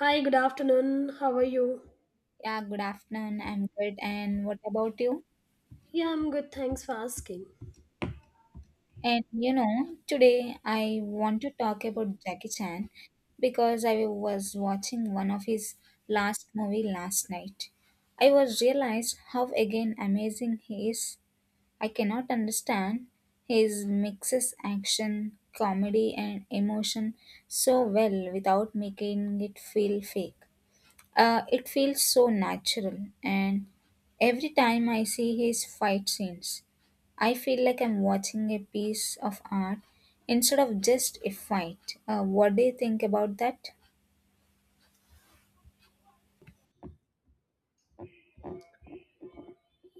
Hi, good afternoon. How are you? Yeah, good afternoon. I'm good. And what about you? Yeah, I'm good. Thanks for asking. And you know, today I want to talk about Jackie Chan because I was watching one of his last movie last night. I was realized how again amazing he is. I cannot understand his mixes action, comedy and emotion so well without making it feel fake. It feels so natural, and every time I see his fight scenes, I feel like I'm watching a piece of art instead of just a fight. What do you think about that?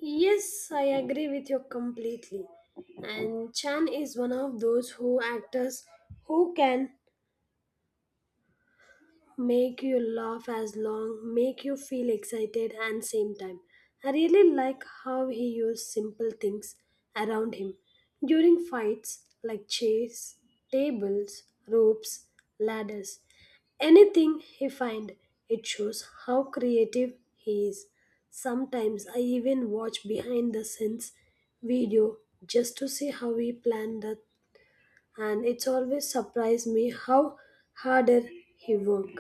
Yes, I agree with you completely. And Chan is one of those who actors who can make you laugh as long, make you feel excited and same time. I really like how he used simple things around him during fights like chairs, tables, ropes, ladders. Anything he find, it shows how creative he is. Sometimes I even watch behind the scenes video just to see how he planned that, and it's always surprised me how harder he worked.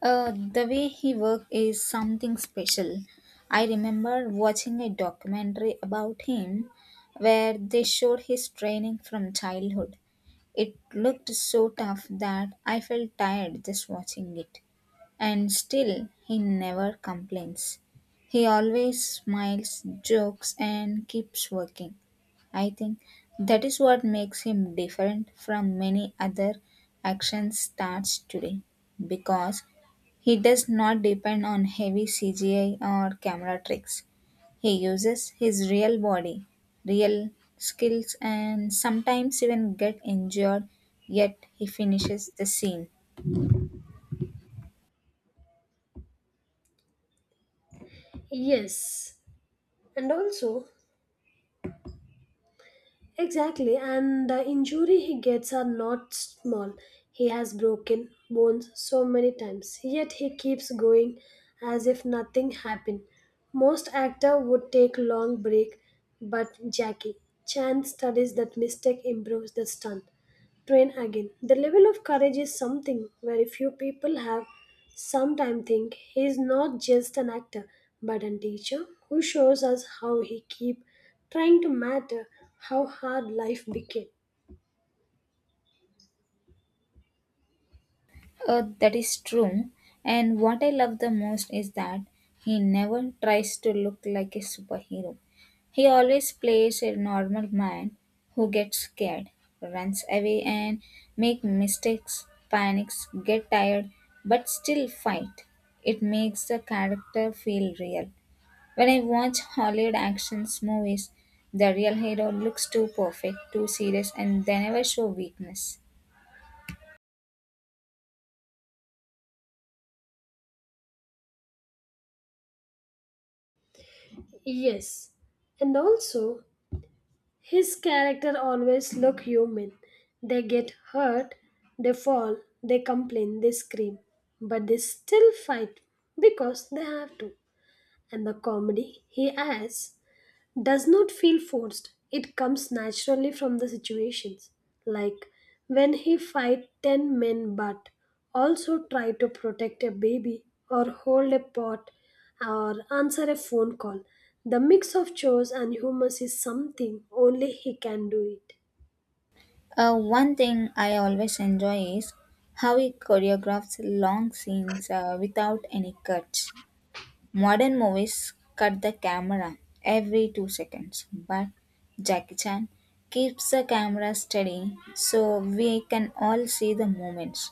The way he worked is something special. I remember watching a documentary about him where they showed his training from childhood. It looked so tough that I felt tired just watching it. And still, he never complains. He always smiles, jokes, and keeps working. I think that is what makes him different from many other action stars today because he does not depend on heavy CGI or camera tricks. He uses his real body, real skills, and sometimes even get injured, yet he finishes the scene. Yes, and also, exactly, and the injury he gets are not small. He has broken bones so many times, yet he keeps going as if nothing happened. Most actor would take long break, but Jackie Chan studies that mistake improves the stunt. Train again. The level of courage is something very few people have. Sometimes think he is not just an actor, but a teacher who shows us how he keep trying to matter, how hard life became. That is true. And what I love the most is that he never tries to look like a superhero. He always plays a normal man who gets scared, runs away, and make mistakes, panics, get tired, but still fight. It makes the character feel real. When I watch Hollywood action movies, the real hero looks too perfect, too serious, and they never show weakness. Yes, and also his character always look human. They get hurt, they fall, they complain, they scream, but they still fight because they have to. And the comedy he adds does not feel forced. It comes naturally from the situations. Like when he fight 10 men but also try to protect a baby or hold a pot or answer a phone call. The mix of chores and humor is something only he can do it. One thing I always enjoy is how he choreographs long scenes without any cuts. Modern movies cut the camera every two seconds, but Jackie Chan keeps the camera steady so we can all see the moments.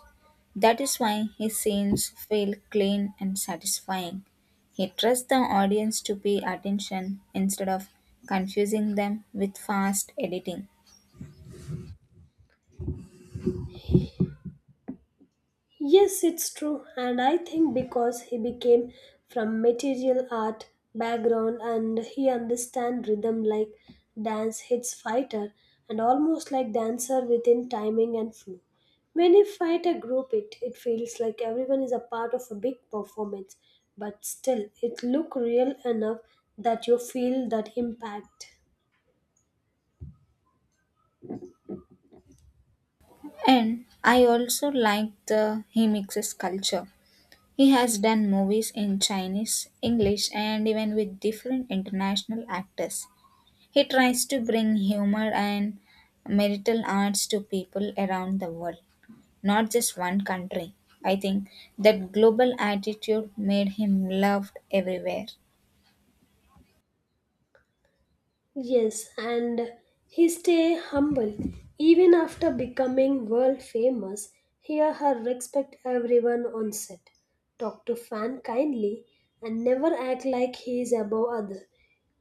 That is why his scenes feel clean and satisfying. He trusts the audience to pay attention instead of confusing them with fast editing. Yes, it's true, and I think because he became from material art background and he understand rhythm like dance hits fighter and almost like dancer within timing and flow. When you fight a group, it feels like everyone is a part of a big performance, but still it look real enough that you feel that impact. And I also like the he mixes culture. He has done movies in Chinese, English, and even with different international actors. He tries to bring humor and marital arts to people around the world, not just one country. I think that global attitude made him loved everywhere. Yes, and he stay humble even after becoming world famous. Hear her respect everyone on set, talk to fan kindly, and never act like he is above other.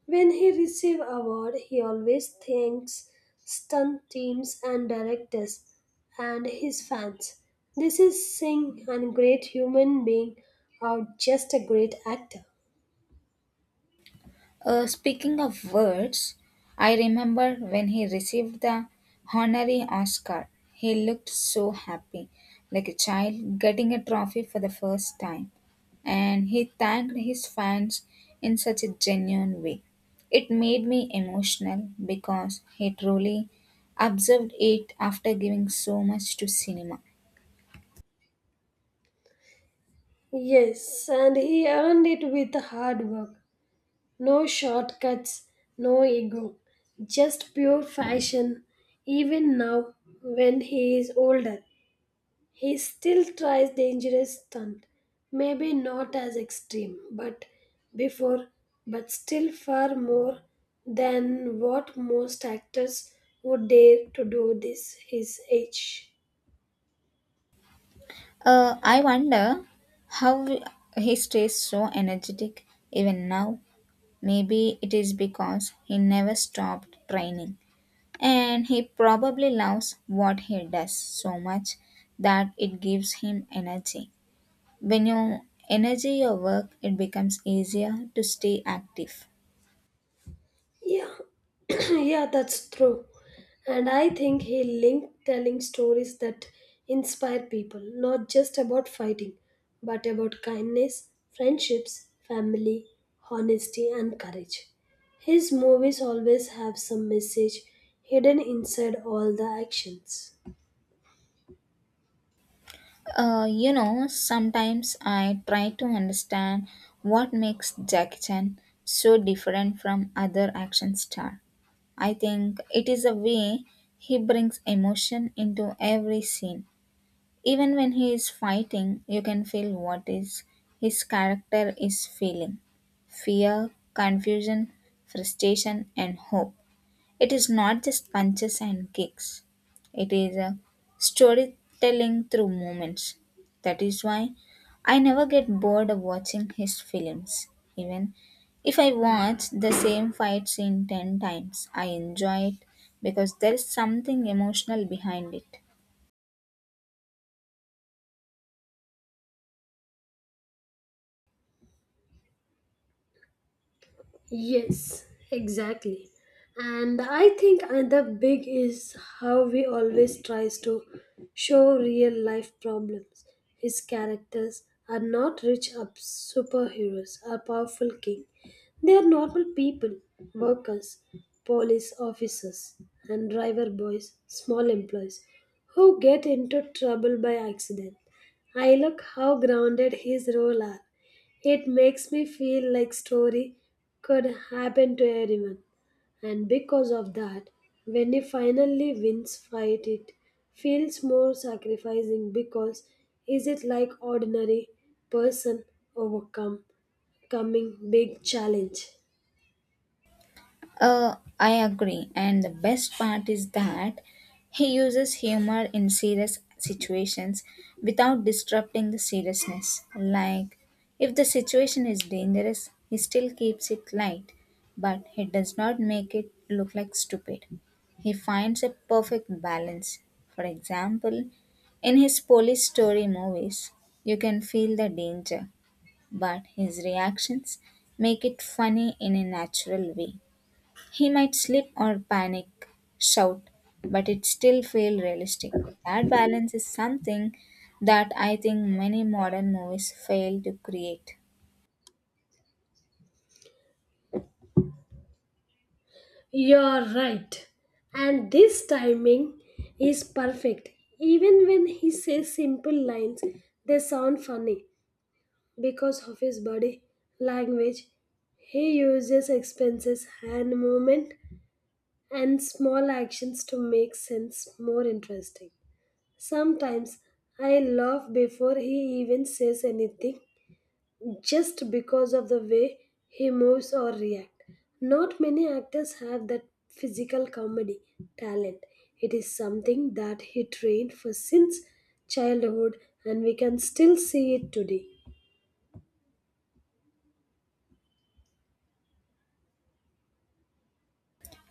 When he receive award, he always thanks stunt teams and directors and his fans. This is Singh, and great human being, or just a great actor. Speaking of words, I remember when he received the honorary Oscar. He looked so happy, like a child getting a trophy for the first time. And he thanked his fans in such a genuine way. It made me emotional because he truly observed it after giving so much to cinema. Yes, and he earned it with hard work. No shortcuts, no ego, just pure fashion. Even now, when he is older, he still tries dangerous stunt. Maybe not as extreme, but before, but still far more than what most actors would dare to do this his age. I wonder how he stays so energetic even now. Maybe it is because he never stopped training and he probably loves what he does so much that it gives him energy. When you energy your work, it becomes easier to stay active. Yeah, yeah, that's true. And I think he linked telling stories that inspire people, not just about fighting, but about kindness, friendships, family, honesty, and courage. His movies always have some message hidden inside all the actions. You know, sometimes I try to understand what makes Jackie Chan so different from other action star. I think it is a way he brings emotion into every scene. Even when he is fighting, you can feel what is his character is feeling. Fear, confusion, frustration and hope. It is not just punches and kicks. It is a storytelling through moments. That is why I never get bored of watching his films. Even if I watch the same fight scene 10 times, I enjoy it because there is something emotional behind it. Yes, exactly. And I think another big is how he always tries to show real life problems. His characters are not rich up superheroes or powerful king. They are normal people, workers, police officers, and driver boys, small employees, who get into trouble by accident. I look how grounded his role are, it makes me feel like story could happen to everyone. And because of that, when he finally wins fight, it feels more sacrificing because is it like ordinary person overcome coming big challenge? I agree, and the best part is that he uses humor in serious situations without disrupting the seriousness. Like, if the situation is dangerous, he still keeps it light, but he does not make it look like stupid. He finds a perfect balance. For example, in his police story movies, you can feel the danger, but his reactions make it funny in a natural way. He might slip or panic, shout, but it still feel realistic. That balance is something that I think many modern movies fail to create. You're right. And this timing is perfect. Even when he says simple lines, they sound funny, because of his body language. He uses expenses, hand movement, and small actions to make sense more interesting. Sometimes I laugh before he even says anything just because of the way he moves or reacts. Not many actors have that physical comedy talent. It is something that he trained for since childhood and we can still see it today.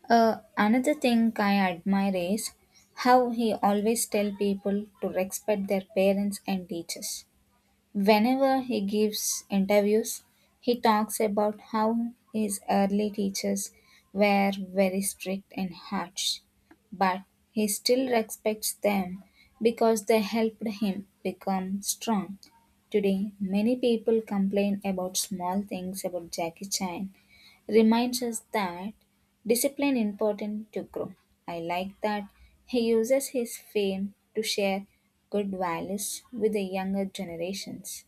Uh, another thing I admire is how he always tell people to respect their parents and teachers. Whenever he gives interviews, he talks about how his early teachers were very strict and harsh, but he still respects them because they helped him become strong. Today, many people complain about small things about Jackie Chan, reminds us that discipline important to grow. I like that he uses his fame to share good values with the younger generations.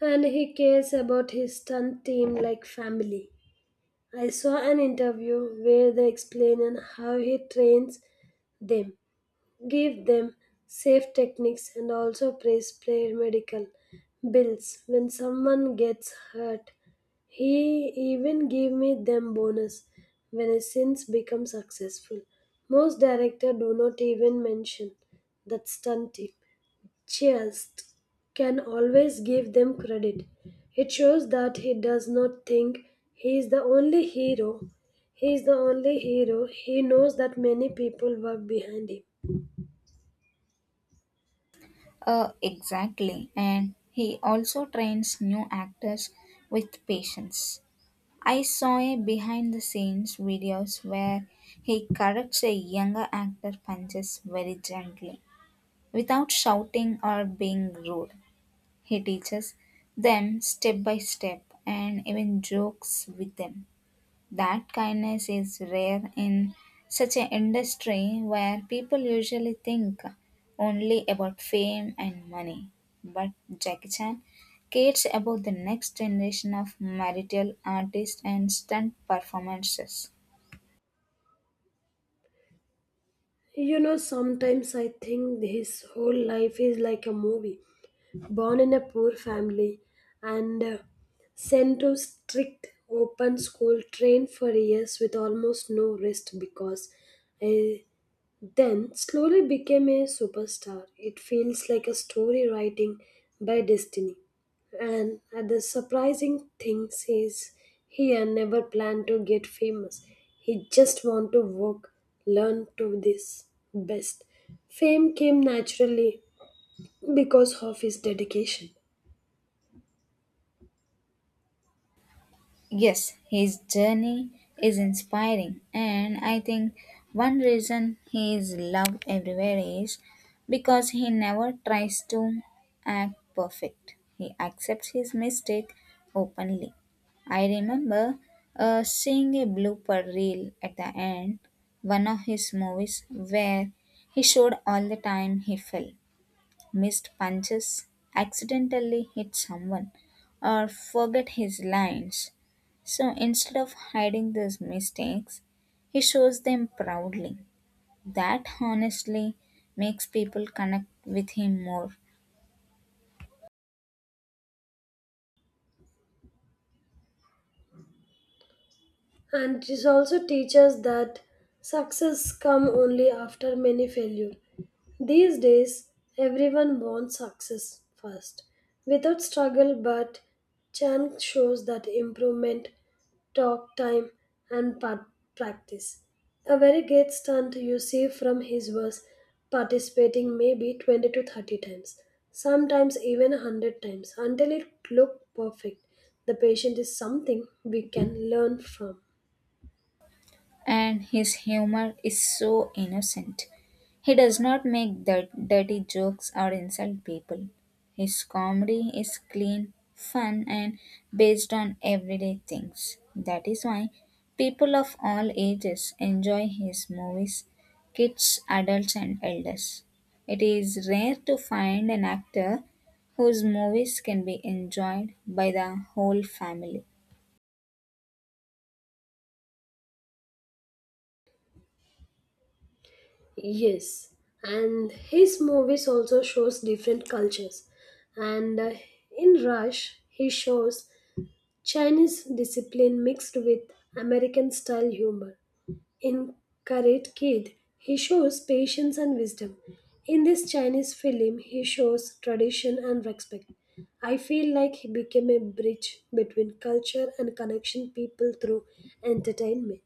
And he cares about his stunt team like family. I saw an interview where they explain how he trains them, give them safe techniques, and also praise player medical bills when someone gets hurt. He even gave me them bonus when his sins become successful. Most director do not even mention that stunt team. Chiast can always give them credit. It shows that he does not think he is the only hero. He is the only hero. He knows that many people work behind him. Exactly. And he also trains new actors with patience. I saw a behind the scenes videos where he corrects a younger actor punches very gently without shouting or being rude. He teaches them step by step and even jokes with them. That kindness is rare in such an industry where people usually think only about fame and money. But Jackie Chan cares about the next generation of martial artists and stunt performances. You know, sometimes I think his whole life is like a movie. Born in a poor family and sent to strict open school, trained for years with almost no rest because uh, then slowly became a superstar. It feels like a story writing by destiny. And the surprising thing is he had never planned to get famous. He just want to work, learn to this best. Fame came naturally because of his dedication. Yes, his journey is inspiring, and I think one reason he is loved everywhere is because he never tries to act perfect. He accepts his mistake openly. I remember seeing a blooper reel at the end, one of his movies, where he showed all the time he fell missed punches, accidentally hit someone, or forget his lines. So instead of hiding these mistakes, he shows them proudly. That honestly makes people connect with him more. And it also teaches that success come only after many failure. These days, everyone wants success first, without struggle. But Chan shows that improvement, talk time, and practice. A very great stunt you see from his was participating maybe 20 to 30 times, sometimes even 100 times, until it looked perfect. The patient is something we can learn from. And his humor is so innocent. He does not make dirty jokes or insult people. His comedy is clean, fun, and based on everyday things. That is why people of all ages enjoy his movies kids, adults, and elders. It is rare to find an actor whose movies can be enjoyed by the whole family. Yes, and his movies also shows different cultures. And in Rush, he shows Chinese discipline mixed with American style humor. In Karate Kid, he shows patience and wisdom. In this Chinese film, he shows tradition and respect. I feel like he became a bridge between culture and connection people through entertainment.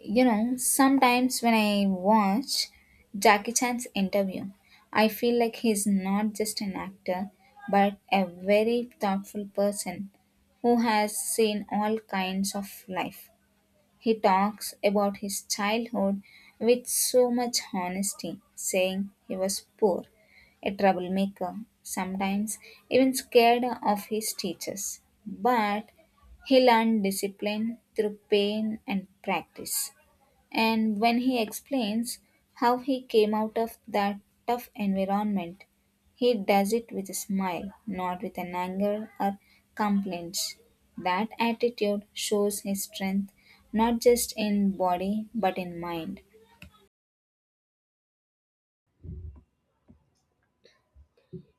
You know, sometimes when I watch Jackie Chan's interview, I feel like he's not just an actor, but a very thoughtful person who has seen all kinds of life. He talks about his childhood with so much honesty, saying he was poor, a troublemaker, sometimes even scared of his teachers. But he learned discipline through pain and practice, and when he explains how he came out of that tough environment, he does it with a smile, not with an anger or complaints. That attitude shows his strength not just in body but in mind.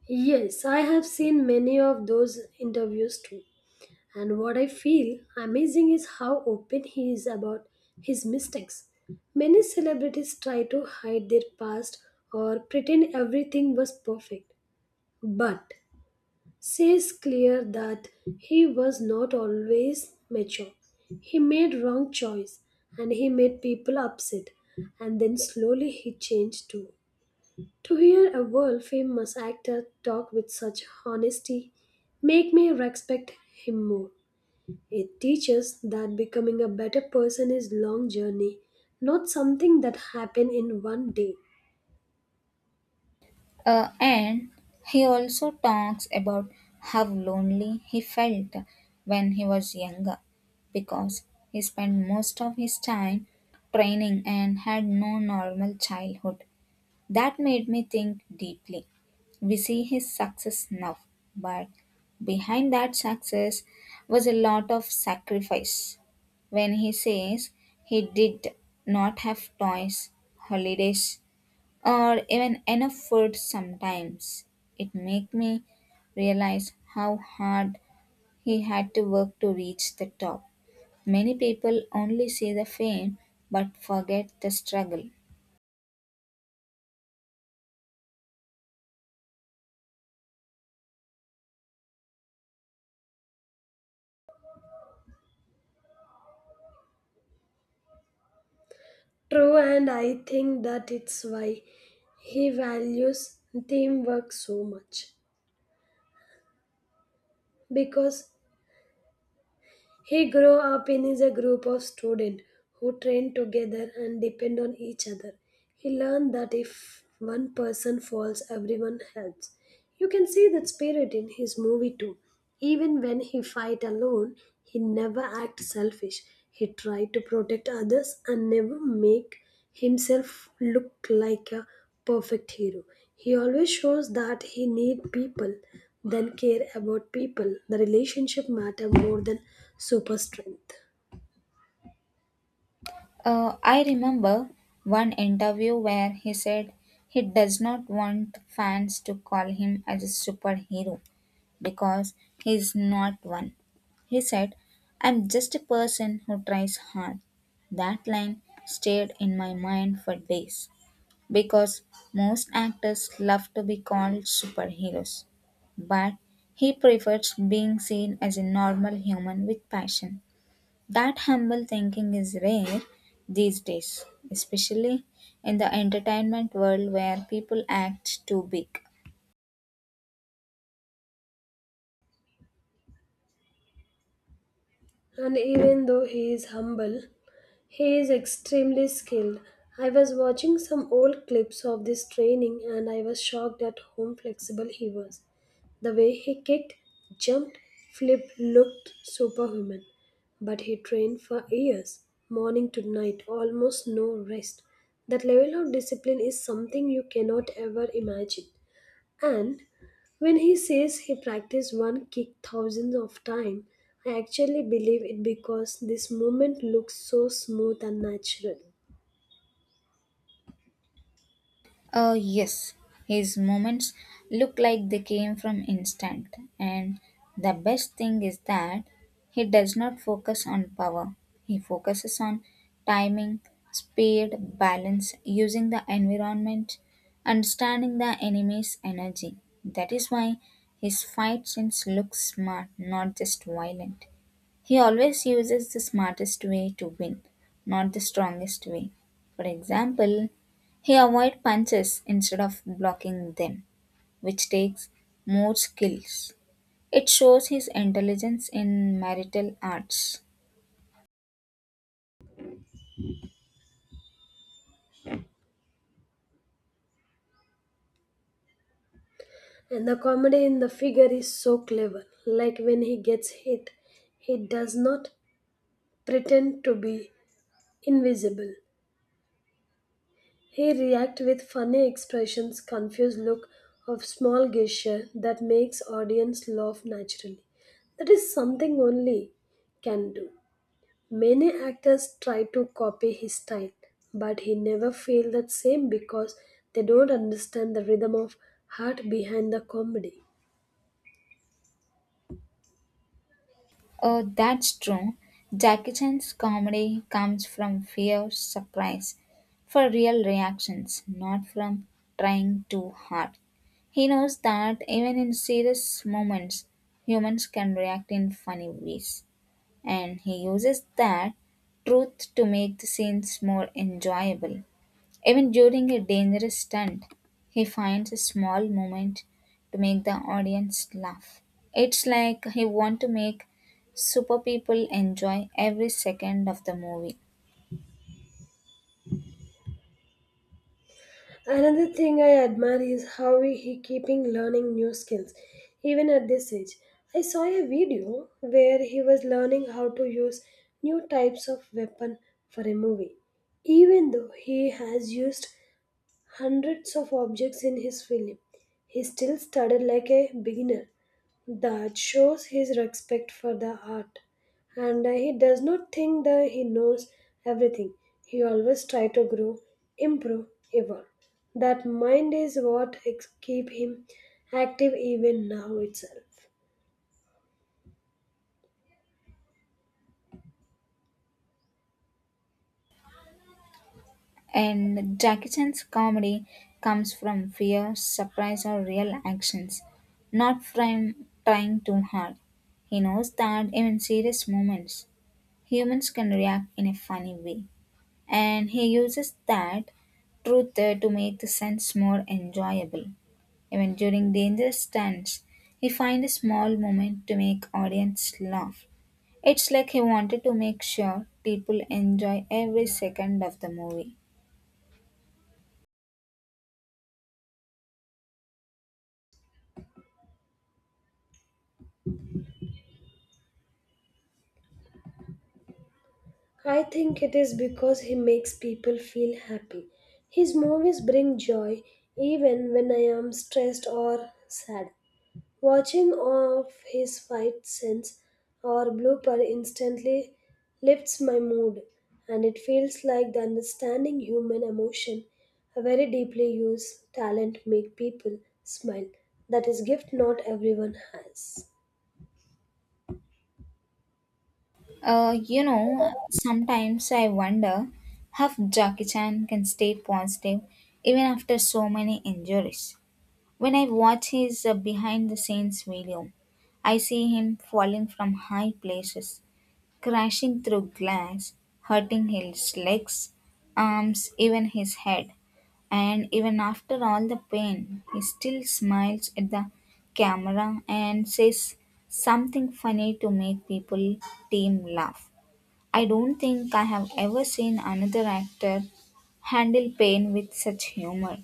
Yes, I have seen many of those interviews too. And what I feel amazing is how open he is about his mistakes. Many celebrities try to hide their past or pretend everything was perfect, but says clear that he was not always mature. He made wrong choice and he made people upset and then slowly he changed too. To hear a world famous actor talk with such honesty make me respect him more. It teaches that becoming a better person is long journey, not something that happen in one day. And he also talks about how lonely he felt when he was younger because he spent most of his time training and had no normal childhood. That made me think deeply. We see his success now, but behind that success was a lot of sacrifice. When he says he did not have toys, holidays, or even enough food sometimes, it made me realize how hard he had to work to reach the top. Many people only see the fame but forget the struggle. True, and I think that it's why he values teamwork so much because he grew up in is a group of students who train together and depend on each other. He learned that if one person falls, everyone helps. You can see that spirit in his movie too. Even when he fight alone, he never act selfish. He tried to protect others and never make himself look like a perfect hero. He always shows that he need people, then care about people. The relationship matter more than super strength. I remember one interview where he said he does not want fans to call him as a superhero because he is not one. He said, I'm just a person who tries hard. That line stayed in my mind for days because most actors love to be called superheroes, but he prefers being seen as a normal human with passion. That humble thinking is rare these days, especially in the entertainment world where people act too big. And even though he is humble, he is extremely skilled. I was watching some old clips of this training and I was shocked at how flexible he was. The way he kicked, jumped, flipped looked superhuman. But he trained for years, morning to night, almost no rest. That level of discipline is something you cannot ever imagine. And when he says he practiced one kick thousands of times, I actually believe it because this movement looks so smooth and natural. Yes, his moments look like they came from instinct, and the best thing is that he does not focus on power. He focuses on timing, speed, balance, using the environment, understanding the enemy's energy. That is why his fight scenes look smart, not just violent. He always uses the smartest way to win, not the strongest way. For example, he avoids punches instead of blocking them, which takes more skills. It shows his intelligence in marital arts. And the comedy in the figure is so clever. Like when he gets hit, he does not pretend to be invisible. He reacts with funny expressions, confused look of small gesture that makes audience laugh naturally. That is something only can do. Many actors try to copy his style, but he never feels that same because they don't understand the rhythm of heart behind the comedy. That's true. Jackie Chan's comedy comes from fear, surprise, for real reactions, not from trying too hard. He knows that even in serious moments, humans can react in funny ways, and he uses that truth to make the scenes more enjoyable. Even during a dangerous stunt, he finds a small moment to make the audience laugh. It's like he wants to make super people enjoy every second of the movie. Another thing I admire is how he keeping learning new skills, even at this age. I saw a video where he was learning how to use new types of weapon for a movie, even though he has used hundreds of objects in his film. He still started like a beginner. That shows his respect for the art. And he does not think that he knows everything. He always try to grow, improve, evolve. That mind is what keep him active even now itself. And Jackie Chan's comedy comes from fear, surprise, or real actions, not from trying too hard. He knows that even serious moments, humans can react in a funny way. And he uses that truth there to make the sense more enjoyable. Even during dangerous stunts, he finds a small moment to make audience laugh. It's like he wanted to make sure people enjoy every second of the movie. I think it is because he makes people feel happy. His movies bring joy even when I am stressed or sad. Watching of his fight sense or blooper instantly lifts my mood, and it feels like the understanding human emotion, a very deeply used talent make people smile. That is gift not everyone has. You know, sometimes I wonder how Jackie Chan can stay positive even after so many injuries. When I watch his behind the scenes video, I see him falling from high places crashing through glass, hurting his legs, arms, even his head. And even after all the pain, he still smiles at the camera and says something funny to make people team laugh. I don't think I have ever seen another actor handle pain with such humor.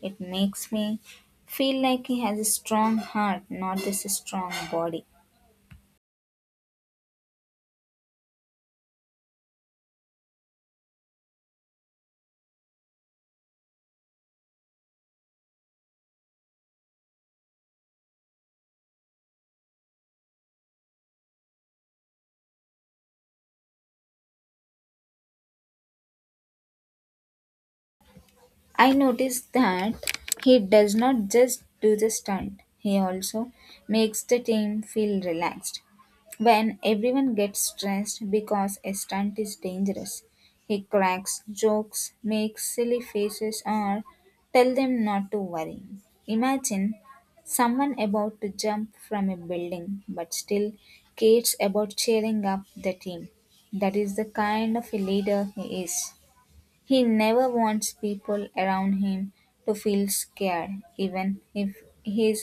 It makes me feel like he has a strong heart, not just a strong body. I noticed that he does not just do the stunt, he also makes the team feel relaxed. When everyone gets stressed because a stunt is dangerous, he cracks jokes, makes silly faces, or tell them not to worry. Imagine someone about to jump from a building but still cares about cheering up the team. That is the kind of a leader he is. He never wants people around him to feel scared, even if he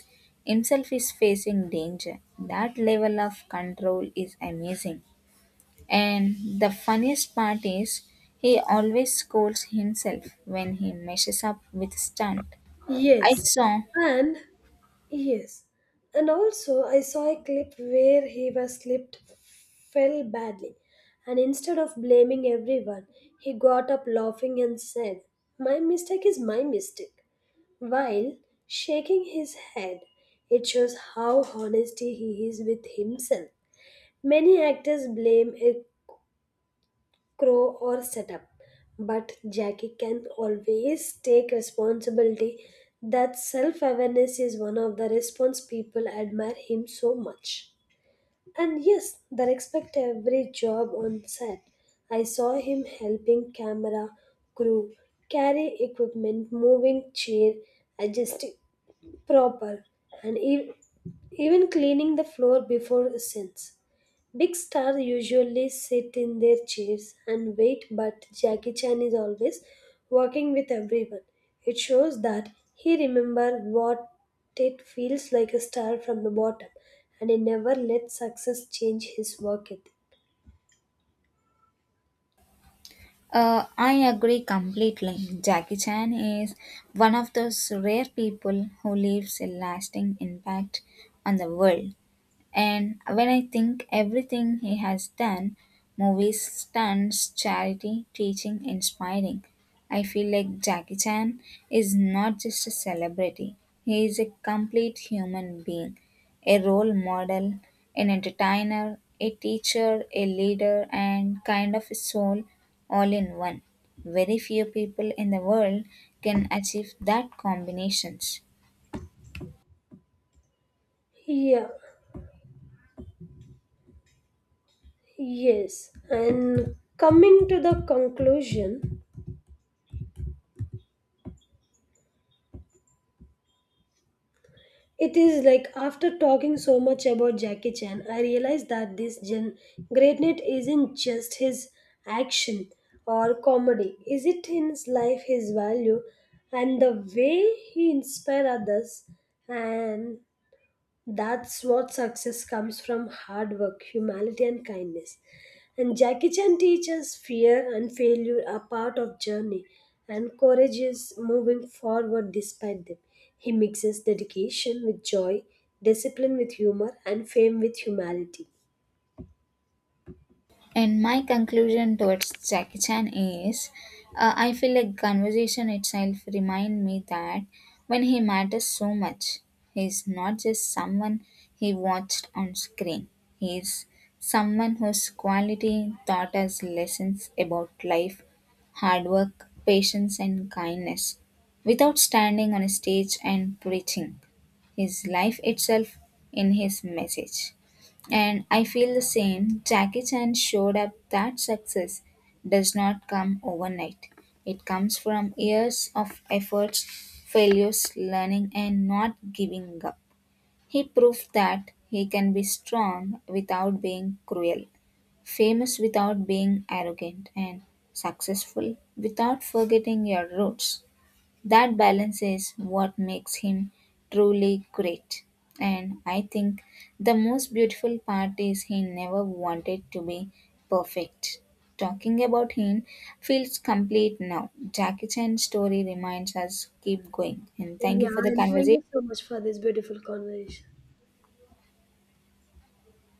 himself is facing danger. That level of control is amazing. And the funniest part is, he always scolds himself when he messes up with stunt. I Yes, saw. and yes, and also I saw a clip where he was slipped, fell badly, and instead of blaming everyone, he got up laughing and said, my mistake is my mistake, while shaking his head. It shows how honest he is with himself. Many actors blame a crow or setup, but Jackie can always take responsibility. That self awareness is one of the response people admire him so much. And yes, they respect every job on set. I saw him helping camera, crew, carry equipment, moving chair, adjusting proper, and even cleaning the floor before scenes. Big stars usually sit in their chairs and wait, but Jackie Chan is always walking with everyone. It shows that he remembers what it feels like a star from the bottom, and he never lets success change his work ethic. I agree completely. Jackie Chan is one of those rare people who leaves a lasting impact on the world. And when I think everything he has done movies, stunts, charity, teaching, inspiring I feel like Jackie Chan is not just a celebrity, he is a complete human being, a role model, an entertainer, a teacher, a leader, and kind of a soul all in one. Very few people in the world can achieve that combinations. Yeah, yes. And coming to the conclusion, it is like after talking so much about Jackie Chan, I realized that this greatness isn't just his action or comedy. Is it in his life, his value, and the way he inspires others and that's what success comes from hard work, humanity, and kindness. And Jackie Chan teaches fear and failure are part of journey, and courage is moving forward despite them. He mixes dedication with joy, discipline with humor, and fame with humanity. And my conclusion towards Jackie Chan is I feel like conversation itself remind me that when he matters so much, he's not just someone he watched on screen. He's someone whose quality taught us lessons about life, hard work, patience and kindness. Without standing on a stage and preaching, his life itself in his message. And I feel the same. Jackie Chan showed up that success does not come overnight. It comes from years of efforts, failures, learning, and not giving up. He proved that he can be strong without being cruel, famous without being arrogant, and successful without forgetting your roots. That balance is what makes him truly great. And I think the most beautiful part is he never wanted to be perfect. Talking about him feels complete now. Jackie Chan's story reminds us keep going. And thank Yeah, you for the and thank conversation. you so much for this beautiful conversation.